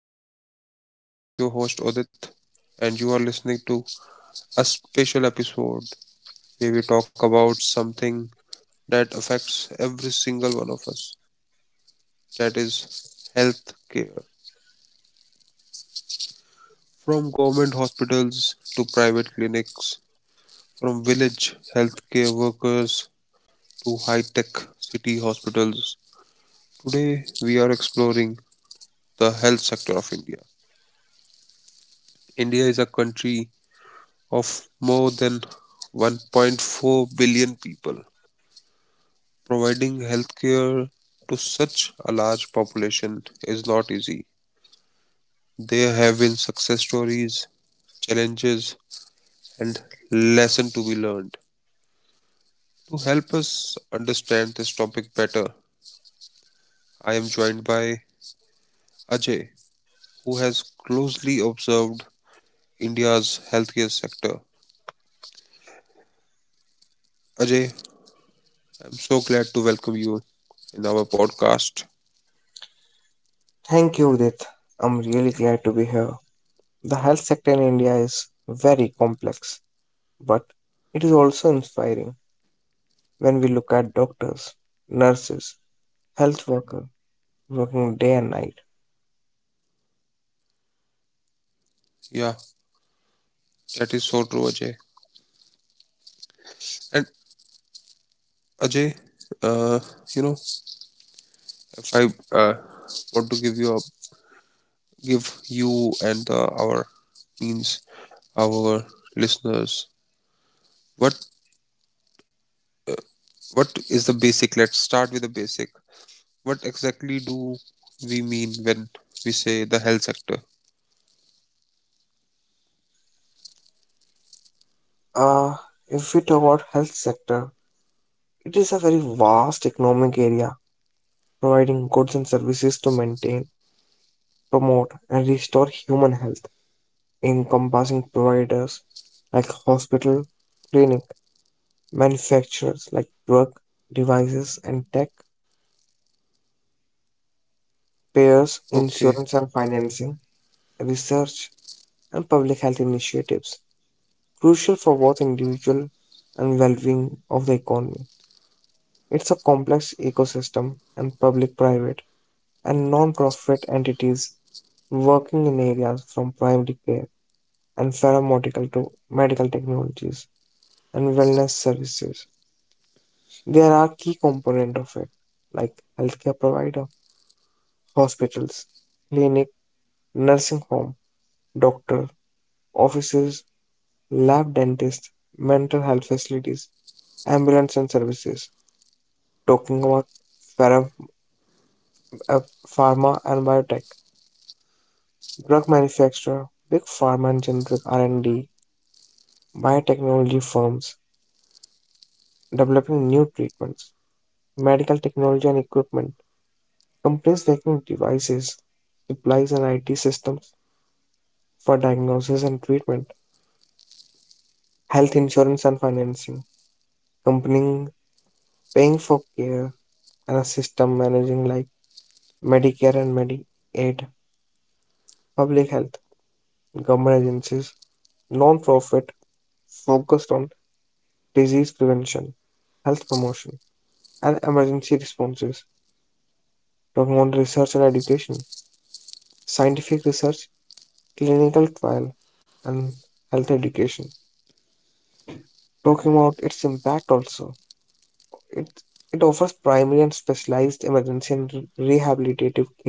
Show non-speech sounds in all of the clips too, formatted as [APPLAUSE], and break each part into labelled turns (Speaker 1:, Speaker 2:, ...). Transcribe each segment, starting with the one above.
Speaker 1: podcast. I'm your host Odit and you are listening to a special episode where we talk about something that affects every single one of us, that is health care. From government hospitals to private clinics, from village healthcare workers to high-tech city hospitals. Today we are exploring the health sector of India. India is a country of more than 1.4 billion people. Providing healthcare to such a large population is not easy. There have been success stories, challenges, and lessons to be learned. To help us understand this topic better, I am joined by Ajay, who has closely observed India's healthcare sector. Ajay, I'm so glad to welcome you in our podcast.
Speaker 2: Thank you, Udit. I'm really glad to be here. The health sector in India is very complex, but it is also inspiring when we look at doctors, nurses, health worker working day and night.
Speaker 1: Yeah, that is so true, Ajay. And Ajay, uh, you know, if I uh, want to give you and our means our listeners, what what is the basic? Let's start with the basic. What exactly do we mean when we say the health sector?
Speaker 2: Uh, if we talk about health sector, it is a very vast economic area providing goods and services to maintain, promote and restore human health, encompassing providers like hospital, clinic, manufacturers like drug devices and tech, payers,
Speaker 1: Okay,
Speaker 2: insurance and financing, research, and public health initiatives, crucial for both individual and well-being of the economy. It's a complex ecosystem, and public-private and non-profit entities working in areas from primary care and pharmaceutical to medical technologies and wellness services. There are key component of it, like healthcare provider hospitals, clinic, nursing home, doctor, offices, lab dentist, mental health facilities, ambulance and services. Talking about phara- uh, pharma and biotech, drug manufacturer, big pharma and generic R&D, biotechnology firms developing new treatments, medical technology and equipment, companies making devices, supplies and IT systems for diagnosis and treatment, health insurance and financing, companies paying for care, and a system managing like Medicare and Medicaid, public health, government agencies, non-profit focused on disease prevention, health promotion, and emergency responses. Talking on research and education, scientific research, clinical trial, and health education. Talking about its impact also, it it offers primary and specialized emergency and rehabilitative care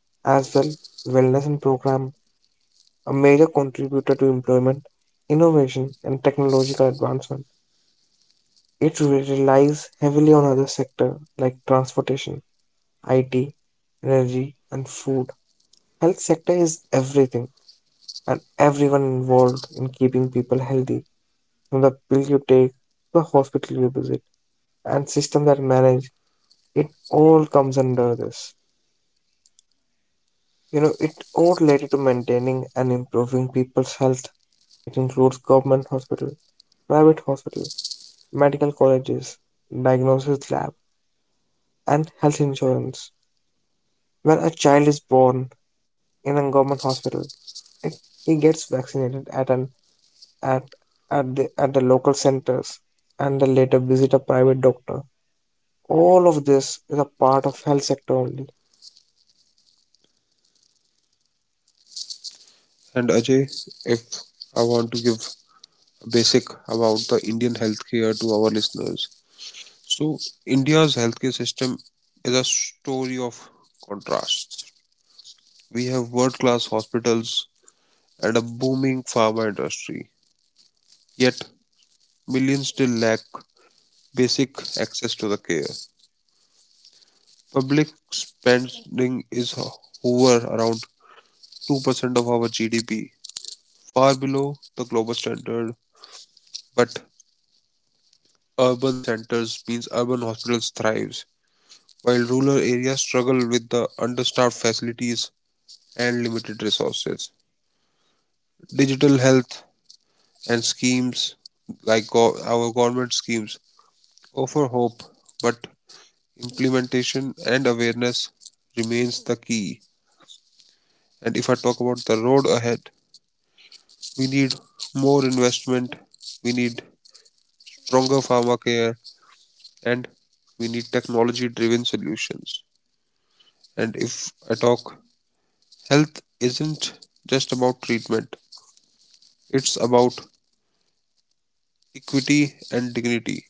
Speaker 2: as well wellness and program a major contributor to employment, innovation, and technological advancement. It relies heavily on other sectors like transportation, IT, energy, and food. Health sector is everything and everyone involved in keeping people healthy, from the pill you take to the hospital you visit and system that manage it all comes under this. You know, it all related to maintaining and improving people's health. It includes government hospital, private hospital, medical colleges, diagnosis lab, and health insurance. When a child is born in a government hospital, it, he gets vaccinated at an at at the local centers and then later visit a private doctor. All of this is a part of health sector only.
Speaker 1: and Ajay, if I want to give a basic about the Indian healthcare to our listeners, so India's healthcare system is a story of contrasts. We have world-class hospitals and a booming pharma industry. Yet, millions still lack basic access to the care. Public spending is hover around 2% of our GDP, far below the global standard, but urban centers means urban hospitals thrives, while rural areas struggle with the understaffed facilities and limited resources. Digital health and schemes like our government schemes offer hope, but implementation and awareness remains the key. And if I talk about the road ahead, we need more investment, we need stronger pharma care, and we need technology driven solutions. And if I talk, health isn't just about treatment, it's about equity and dignity.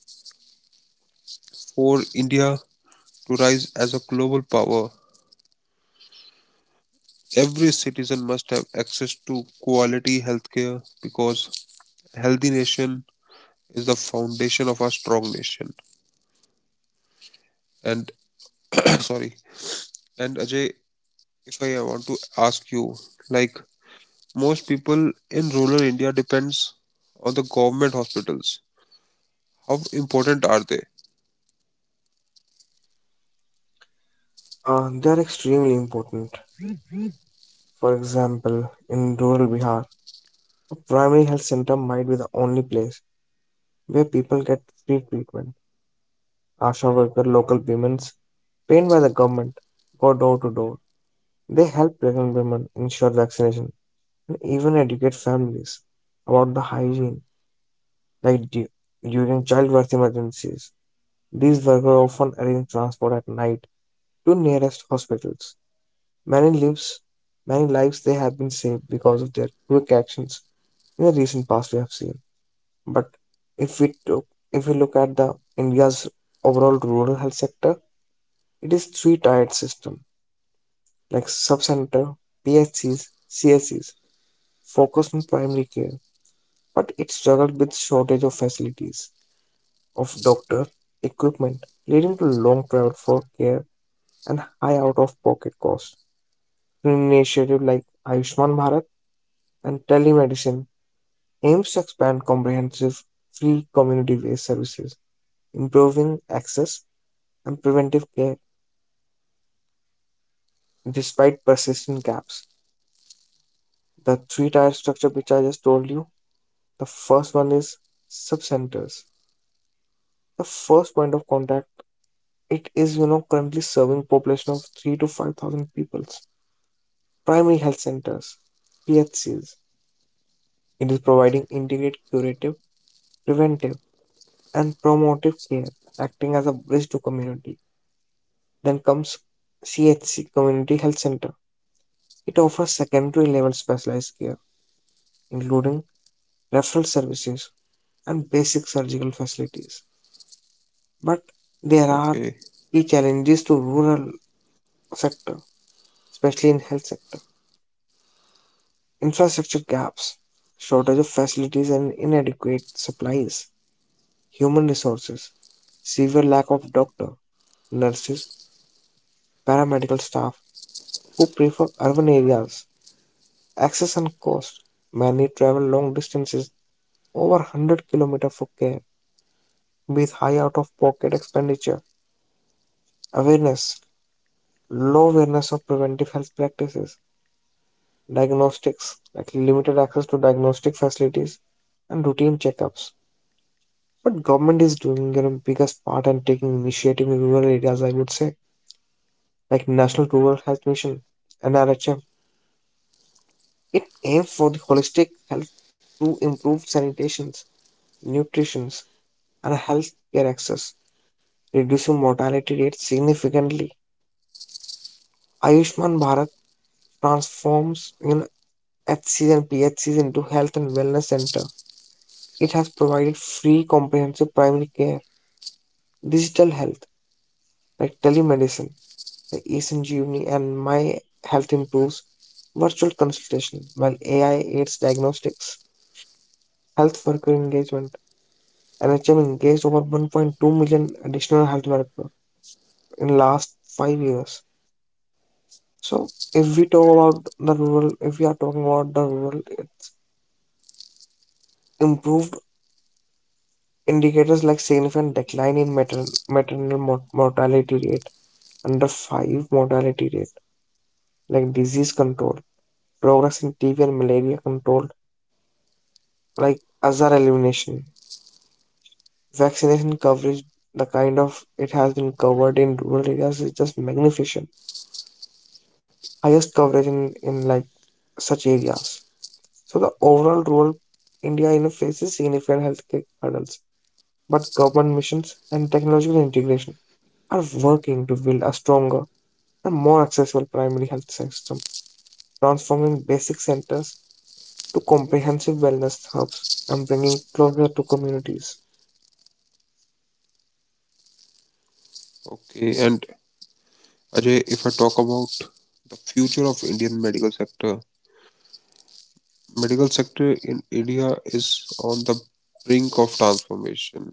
Speaker 1: For India to rise as a global power, every citizen must have access to quality healthcare because healthy nation is the foundation of a strong nation and [CLEARS THROAT] sorry. And Ajay, if I want to ask you, like most people in rural India depends on the government hospitals, how important are they?
Speaker 2: They are extremely important. For example, in rural Bihar, a primary health center might be the only place where people get free treatment. ASHA worker, local women trained by the government, go door to door. They help pregnant women ensure vaccination and even educate families about the hygiene, like du- during childbirth emergencies. These workers often arrange transport at night to nearest hospitals. Many lives, many lives they have been saved because of their quick actions in the recent past we have seen. But if we took, if we look at the India's overall rural health sector, it is three-tiered system like subcenter, PHCs, CSCs focus on primary care, but it struggled with shortage of facilities, of doctor, equipment, leading to long travel for care and high out-of-pocket costs. An initiative like Ayushman Bharat and telemedicine aims to expand comprehensive, free community-based services, improving access and preventive care despite persistent gaps. The three-tier structure which I just told you, the first one is subcenters. The first point of contact, it is, you know, currently serving population of three to five thousand peoples. Primary health centers, PHCs. It is providing integrated curative, preventive, and promotive care, acting as a bridge to community. Then comes CHC, Community Health Center. It offers secondary level specialized care, including referral services and basic surgical facilities. But there are
Speaker 1: Okay.
Speaker 2: key challenges to rural sector, especially in health sector infrastructure gaps, shortage of facilities and inadequate supplies, human resources, severe lack of doctor, nurses, paramedical staff who prefer urban areas, access and cost. Many travel long distances over 100 kilometers for care with high out of pocket expenditure. Awareness, low awareness of preventive health practices, diagnostics, like limited access to diagnostic facilities and routine checkups. But government is doing you know biggest part and taking initiative in rural areas, I would say, like National Rural Health Mission (NRHM). It aims for the holistic health to improve sanitation, nutrition, and health care access, reducing mortality rates significantly. Ayushman Bharat transforms you know HCs and PHCs into health and wellness center. It has provided free comprehensive primary care, digital health like telemedicine the eSanjeevani and My Health Improves virtual consultation, while AI aids diagnostics, health worker engagement. NHM engaged over 1.2 million additional health workers in last 5 years. So if we talk about the rural, if we are talking about the rural, it's improved indicators like significant decline in maternal mortality rate, under 5 mortality rate, like disease control, progress in TB and malaria control, like azar elimination. Vaccination coverage, the kind of it has been covered in rural areas is just magnificent. Highest coverage in like such areas. So the overall rural India you know, faces significant healthcare hurdles, but government missions and technological integration are working to build a stronger and more accessible primary health system, transforming basic centers to comprehensive wellness hubs and bringing closer to communities.
Speaker 1: Okay. And Ajay, if I talk about the future of Indian medical sector in India is on the brink of transformation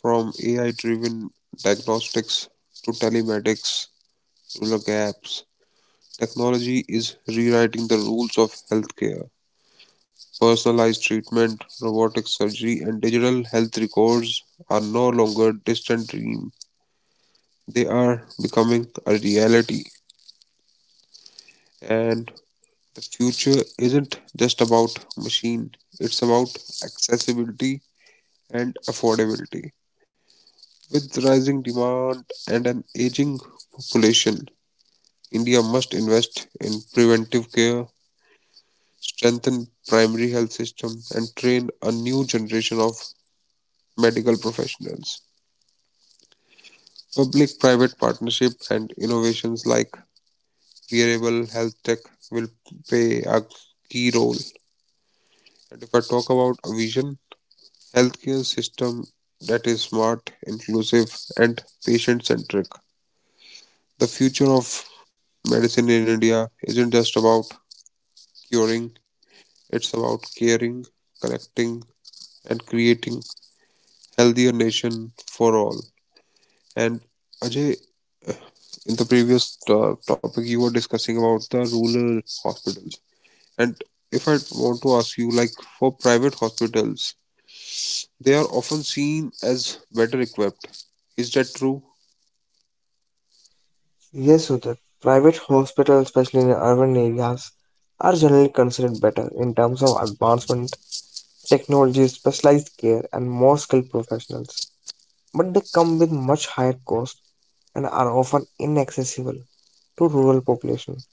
Speaker 1: from AI driven diagnostics to telemedics, rural gaps. Technology is rewriting the rules of healthcare. Personalized treatment, robotic surgery, and digital health records are no longer distant dream. They are becoming a reality. And the future isn't just about machine, it's about accessibility and affordability. With rising demand and an aging population, India must invest in preventive care, strengthen primary health system and train a new generation of medical professionals. Public-private partnership and innovations like wearable health tech will play a key role. And if I talk about a vision, healthcare system that is smart, inclusive, and patient-centric. The future of medicine in India isn't just about curing, it's about caring, connecting, and creating a healthier nation for all. And Ajay, in the previous topic, you were discussing about the rural hospitals. And if I want to ask you, like for private hospitals, they are often seen as better equipped. Is that true?
Speaker 2: Yes, Sudhir. Private hospitals, especially in urban areas, are generally considered better in terms of advancement, technology, specialized care, and more skilled professionals. But they come with much higher costs and are often inaccessible to rural population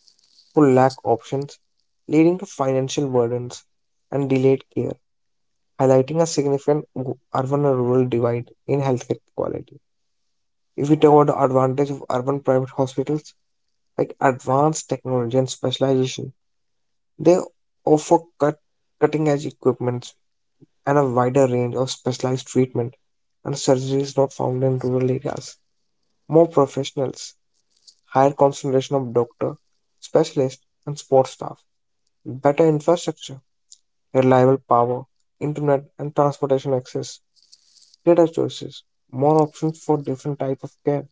Speaker 2: who lack options, leading to financial burdens and delayed care, highlighting a significant urban and rural divide in healthcare quality. If we talk about the advantage of urban private hospitals, like advanced technology and specialization. They offer cutting edge equipment and a wider range of specialized treatment and surgeries not found in rural areas. More professionals, higher concentration of doctor, specialist, and sports staff, better infrastructure, reliable power, internet and transportation access, greater choices, more options for different type of care.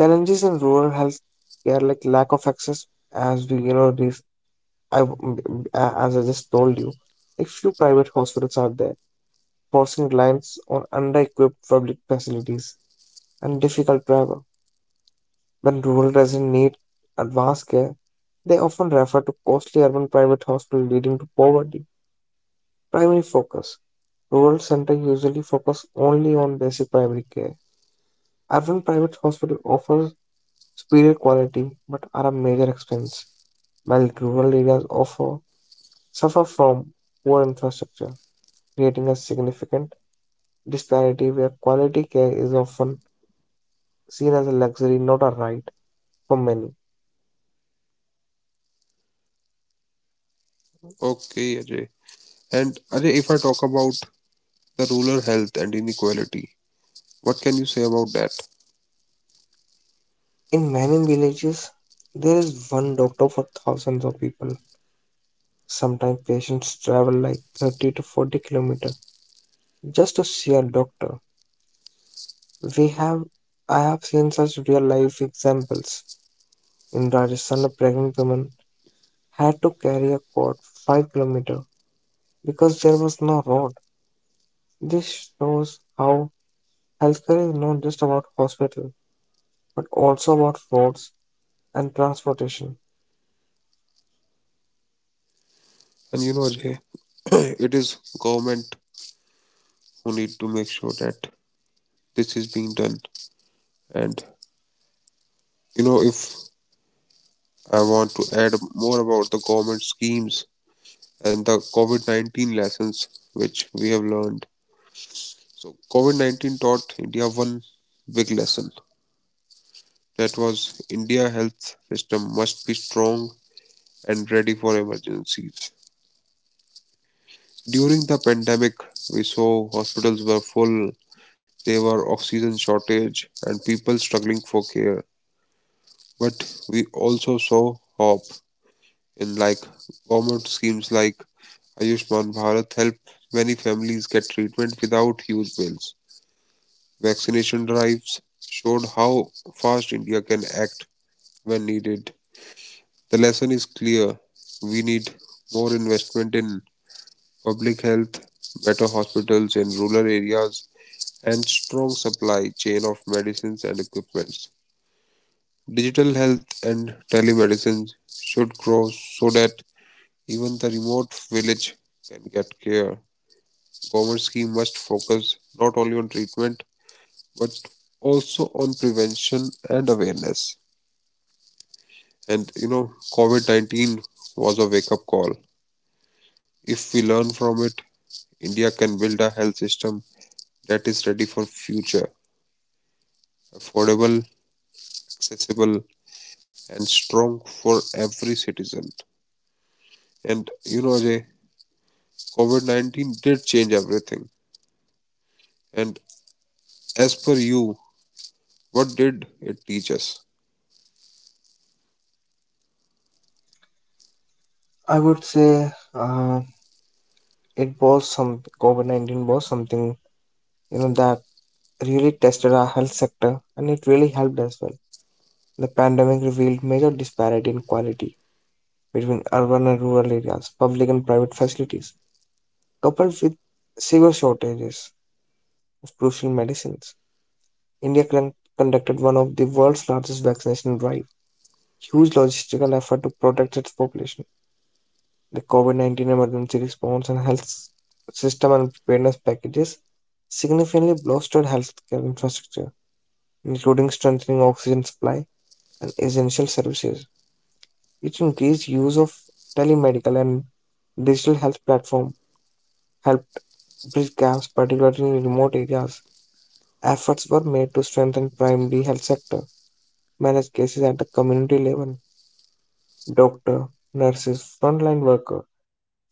Speaker 2: Challenges in rural health care like lack of access as we you know this I, w- m- a- as I just told you, a few private hospitals out there, forcing reliance on under-equipped public facilities and difficult travel. When rural residents need advanced care, they often refer to costly urban private hospitals, leading to poverty. Primary focus. Rural centers usually focus only on basic primary care. Urban private hospital offers superior quality but are a major expense, while rural areas offer suffer from poor infrastructure, creating a significant disparity where quality care is often seen as a luxury, not a right for many.
Speaker 1: Okay, Ajay. And Ajay, if I talk about the rural health and inequality, what can you say about that?
Speaker 2: In many villages, there is one doctor for thousands of people. Sometimes patients travel like 30 to 40 kilometers just to see a doctor. We have I have seen such real life examples. In Rajasthan, a pregnant woman had to carry a cot 5 kilometers because there was no road. This shows how healthcare is not just about hospital but also about roads and transportation.
Speaker 1: And you know, Ajay, [COUGHS] [CLEARS THROAT] it is government who need to make sure that this is being done. And you know, if I want to add more about the government schemes and the COVID 19 lessons which we have learned. So, COVID 19 taught India one big lesson, that was India health system must be strong and ready for emergencies. During the pandemic, we saw hospitals were full, there were oxygen shortage, and people struggling for care. But we also saw hope. In like government schemes like Ayushman Bharat help many families get treatment without huge bills. Vaccination drives showed how fast India can act when needed. The lesson is clear. We need more investment in public health, better hospitals in rural areas, and strong supply chain of medicines and equipments. Digital health and telemedicine should grow so that even the remote village can get care. Government scheme must focus not only on treatment but also on prevention and awareness. And you know, COVID 19 was a wake up call. If we learn from it, India can build a health system that is ready for future, affordable, accessible, and strong for every citizen. And you know, Ajay, COVID 19 did change everything. And as per you, what did it teach us?
Speaker 2: I would say, it was some COVID 19 was something you know that really tested our health sector and it really helped as well. The pandemic revealed major disparity in quality between urban and rural areas, public and private facilities, coupled with severe shortages of crucial medicines. India conducted one of the world's largest vaccination drive, huge logistical effort to protect its population the COVID 19 emergency response and health system and preparedness packages significantly bolstered healthcare infrastructure, including strengthening oxygen supply and essential services. Its increased use of telemedical and digital health platform helped bridge gaps, particularly in remote areas. Efforts were made to strengthen primary health sector, manage cases at the community level. Doctor, nurses, frontline worker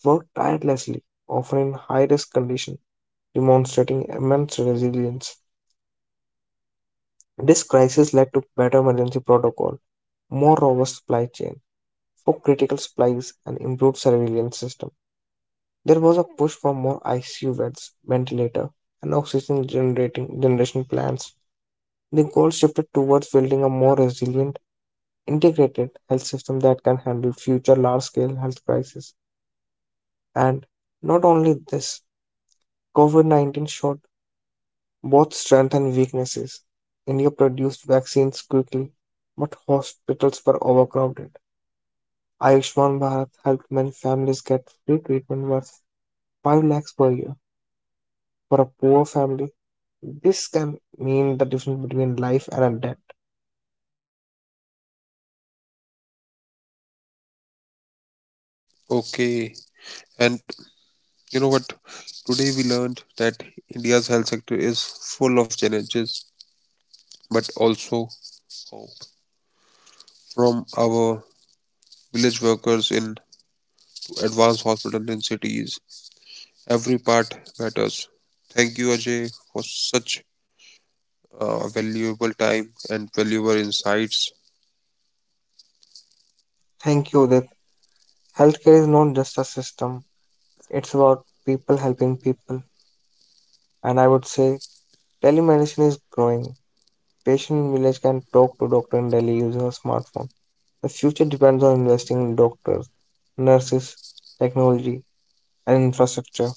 Speaker 2: worked tirelessly, often in high risk conditions demonstrating immense resilience. This crisis led to better emergency protocol, more robust supply chain for critical supplies, and improved surveillance system. There was a push for more ICU beds, ventilator, and oxygen generating generation plants. The goal shifted towards building a more resilient, integrated health system that can handle future large-scale health crises. And not only this, COVID-19 showed both strengths and weaknesses. India produced vaccines quickly, but hospitals were overcrowded. Ayushman Bharat helped many families get free treatment worth 5 lakhs per year. For a poor family, this can mean the difference between life and death.
Speaker 1: Okay. And you know what? Today we learned that India's health sector is full of challenges, but also hope. From our village workers in to advanced hospitals in cities, every part matters. Thank you, Ajay, for such valuable time and valuable insights.
Speaker 2: Thank you, Udit. Healthcare is not just a system, it's about people helping people. And I would say telemedicine is growing. Patient in village can talk to doctor in Delhi using a smartphone. The future depends on investing in doctors, nurses, technology, and infrastructure.